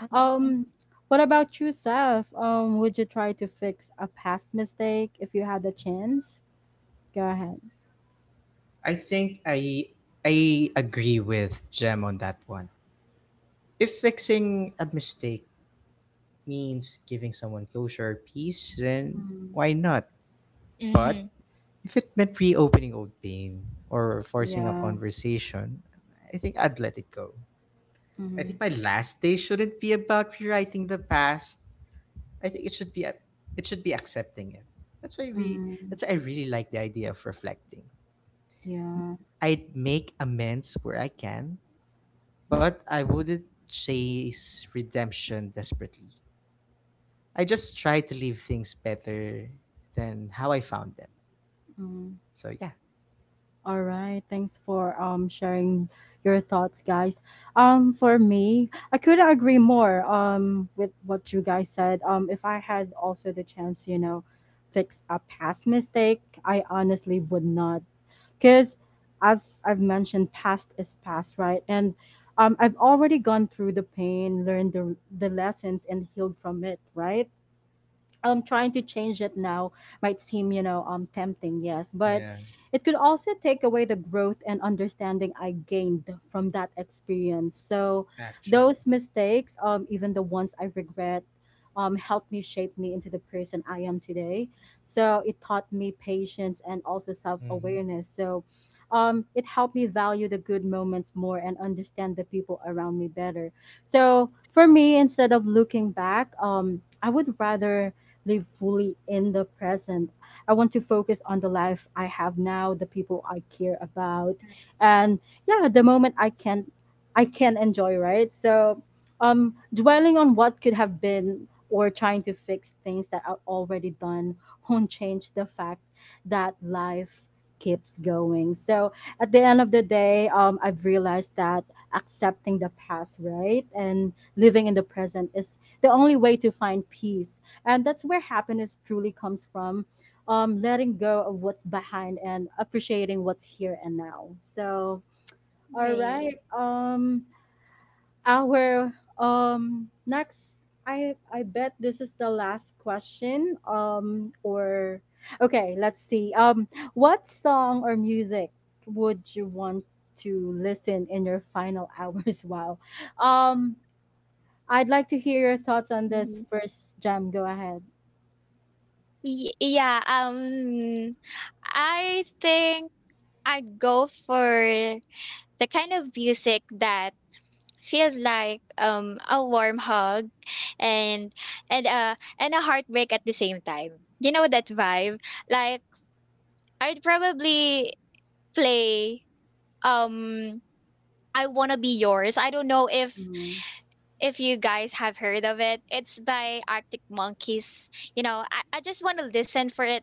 Mhm.
Um, what about you, Seth? Would you try to fix a past mistake if you had the chance? Go ahead.
I think I I agree with Jem on that one. If fixing a mistake means giving someone closure or peace, then
Mm,
why not? But
Mhm.
if it meant reopening old pain or forcing a
yeah.
conversation, I think I'd let it go. I
Mm,
think my last day shouldn't be about rewriting the past. I think it should be accepting it. That's why we
mm,
that's why I really like the idea of reflecting.
yeah.
I'd make amends where I can, but I wouldn't chase redemption desperately. I just try to leave things better than how I found them.
Mm.
So yeah.
All right. Thanks for sharing your thoughts, guys. For me, I couldn't agree more with what you guys said. If I had also the chance, you know, fix a past mistake, I honestly would not because as I've mentioned, past is past, right? And I've already gone through the pain, learned the lessons, and healed from it, right? Trying to change it now might seem tempting, yes, but
Yeah,
it could also take away the growth and understanding I gained from that experience. So
actually.
those mistakes, even the ones I regret, helped me shape me into the person I am today, so it taught me patience and also
Mm-hmm.
self-awareness. So it helped me value the good moments more and understand the people around me better. So for me, instead of looking back, I would rather live fully in the present. I want to focus on the life I have now, the people I care about, and yeah, the moment I can enjoy, right? So dwelling on what could have been or trying to fix things that are already done won't change the fact that life keeps going. So at the end of the day, I've realized that accepting the past, right, and living in the present is the only way to find peace, and that's where happiness truly comes from, letting go of what's behind and appreciating what's here and now. So, all
Right.
right. Our next, I bet this is the last question. Okay, let's see. What song or music would you want to listen in your final hours? <laughs> Wow. Um, I'd like to hear your thoughts on this
Mhm.
first, Jam. Go ahead.
Yeah, I think I'd go for the kind of music that feels like a warm hug, and and uh and a heartbreak at the same time. You know that vibe? Like I'd probably play, um I Wanna Be Yours. I don't know
Mhm.
if you guys have heard of it. It's by Arctic Monkeys. You know, I just want to listen for it.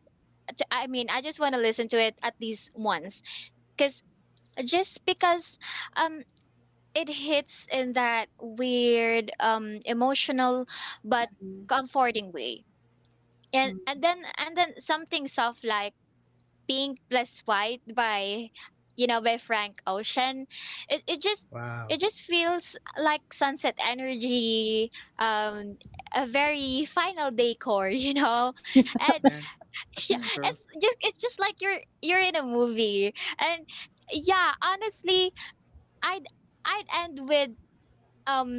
I mean, I just want to listen to it at least once. Cause Just because um it hits in that weird, emotional but comforting way. And
Mm.
then something soft like Pink Plus White by, you know, by Frank Ocean. It it
Wow.
just feels like sunset energy, um, a very final decor, <laughs> you know,
<laughs>
and
Yeah,
yeah, it's
true.
just, it's just like you're in a movie, and yeah, honestly, I'd I'd end with um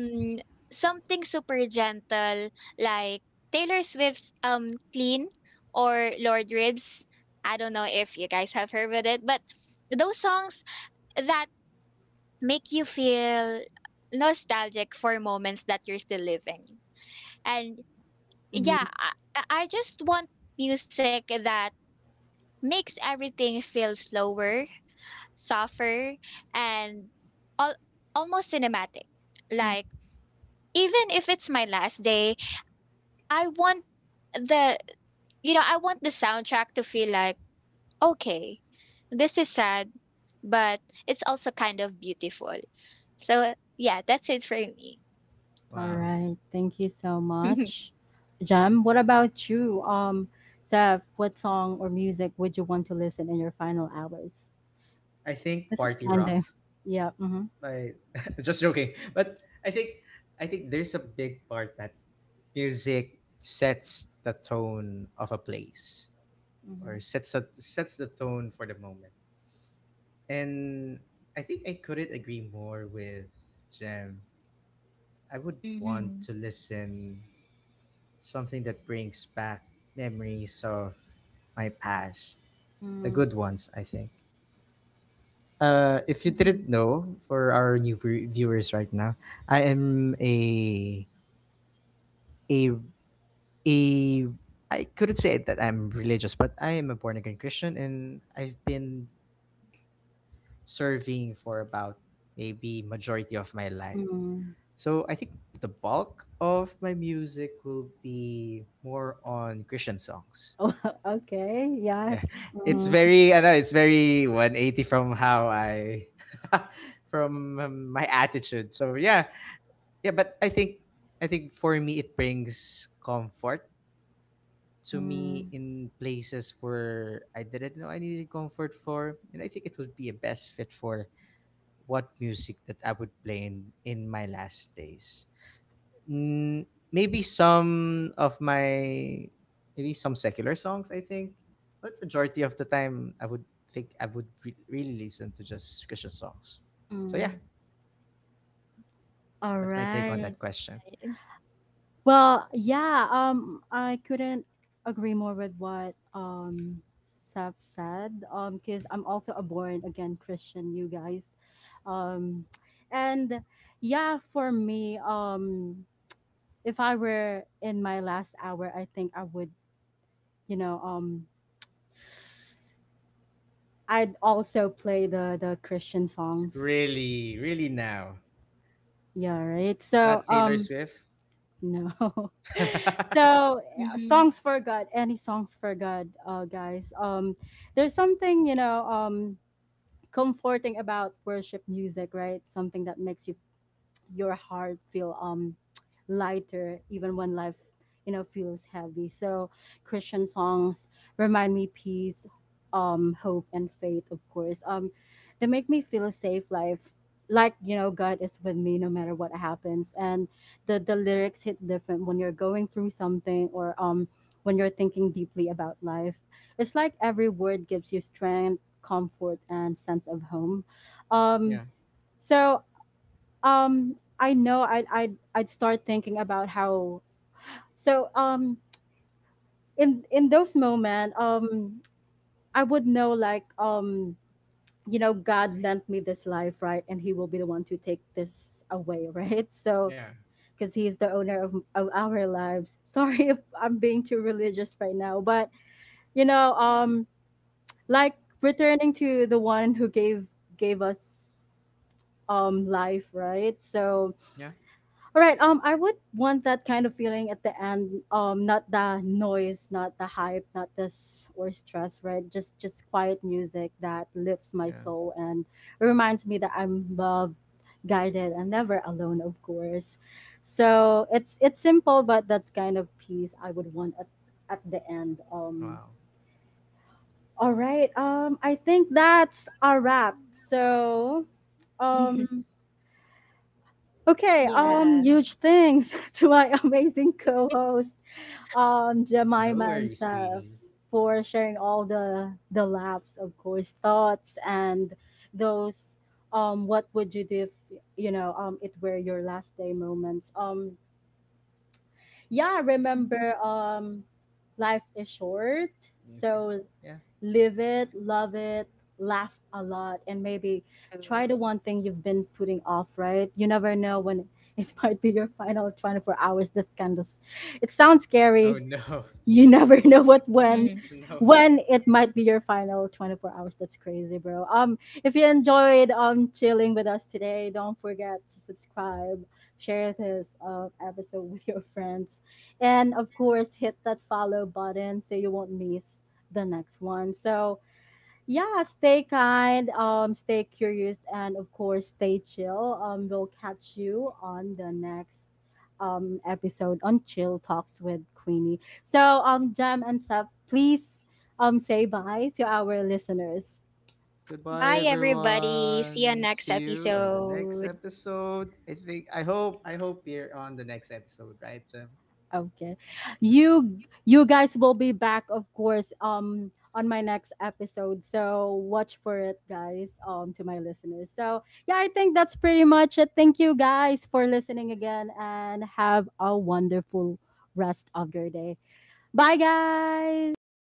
something super gentle like Taylor Swift's, Clean, or Lord Ribs. I don't know if you guys have heard of it, but those songs that make you feel nostalgic for moments that you're still living. And
Mhm.
yeah, I just want music that makes everything feel slower, softer, and al- almost cinematic.
Mm.
Like even if it's my last day, I want the, you know, I want the soundtrack to feel like, okay, this is sad, but it's also kind of beautiful. So yeah, that's it for me.
All
Wow.
right. Thank you so
<laughs>
much, Jam. What about you, Seth? What song or music would you want to listen in your final hours?
I think
This is
party
kind
rock.
of, yeah. Mm-hmm.
Like, <laughs> just joking. But I think I think there's a big part that music sets the tone of a place or sets the tone for the moment. And I think I couldn't agree more with Jem. I would want
Mm-hmm.
to listen something that brings back memories of my past, the
Mm-hmm.
good ones, I think. If you
Mm-hmm.
didn't know, for our new viewers right now, I am a a I couldn't say that I'm religious, but I am a born again Christian, and I've been serving for about maybe majority of my life.
Mm-hmm.
So I think the bulk of my music will be more on Christian songs.
<laughs> Oh, okay.
Yeah.
Yes.
<laughs> It's
Mm-hmm.
very I know it's very 180 from how I <laughs> from my attitude. So yeah. Yeah, but I think for me it brings comfort to me
Mm-hmm.
in places where I didn't know I needed comfort for, and I think it would be a best fit for what music that I would play in my last days. Mm, Maybe some of my maybe some secular songs I think, but majority of the time I would really listen to just Christian songs. So yeah,
Mm-hmm. All
that's my take on
right.
that question.
Well, yeah, I couldn't agree more with what Seth said. Because I'm also a born again Christian, you guys. Um, and yeah, for me, if I were in my last hour, I think I would, you know, I'd also play the Christian songs.
Really, really now,
Yeah, right.
not
So,
Taylor Swift.
No. <laughs>
<laughs>
So, yeah,
Mm-hmm.
songs for God, any songs for God, guys. There's something, you know, comforting about worship music, right? Something that makes you your heart feel lighter even when life feels heavy. So christian songs remind me peace, hope and faith, of course. They make me feel a safe life, like god is with me no matter what happens. And the lyrics hit different when you're going through something, or when you're thinking deeply about life, it's like every word gives you strength, comfort and sense of home. um
Yeah,
so um i know I'd start thinking about how, so um in those moments, I would know, like, you know god lent me this life, right, and he will be the one to take this away <laughs> right. So
yeah,
because he is the owner of our lives, sorry <laughs> if I'm being too religious right now, but you know, like returning to the one who gave us life, right? So
yeah,
All right. I would want that kind of feeling at the end. Not the noise, not the hype, not this or stress. Right. Just quiet music that lifts my
yeah.
soul and reminds me that I'm loved, guided, and never alone. Of course. So it's simple, but that's kind of peace I would want at the end.
Wow.
All right. I think that's a wrap. So,
Mm-hmm.
um. Okay,
Yeah.
huge thanks <laughs> to my amazing co-host,
No
Jemima and
worries,
Seth,
Queenie.
for sharing all the laughs, of course, thoughts and those what would you do if it were your last day moments. Yeah,
Mm-hmm.
remember life is short.
Okay.
So
Yeah.
live it, love it, laugh a lot, and maybe
True.
try the one thing you've been putting off, right? You never know when it <laughs> might be your final 24 hours. This kind of, it sounds
Oh
scary,
no,
you never <laughs> know what
Mhm.
<laughs> no.
when it might be your final 24 hours. That's crazy bro. If you enjoyed chilling with us today, don't forget to subscribe, share this episode with your friends, and of course hit that follow button so you won't miss the next one. So yeah, stay kind, stay curious, and of course, stay chill. We'll catch you on the next episode on Chill Talks with Queenie. So, Jam and Seth, please say bye to our listeners.
Goodbye,
Bye, everybody. See you
everyone.
next
See you on the next
episode.
episode. I hope you're on the next episode, right? So
Okay. You guys will be back of course on my next episode. So watch for it guys, to my listeners. So yeah, I think that's pretty much it. Thank you guys for listening again and have a wonderful rest of your day. Bye
Bye
guys.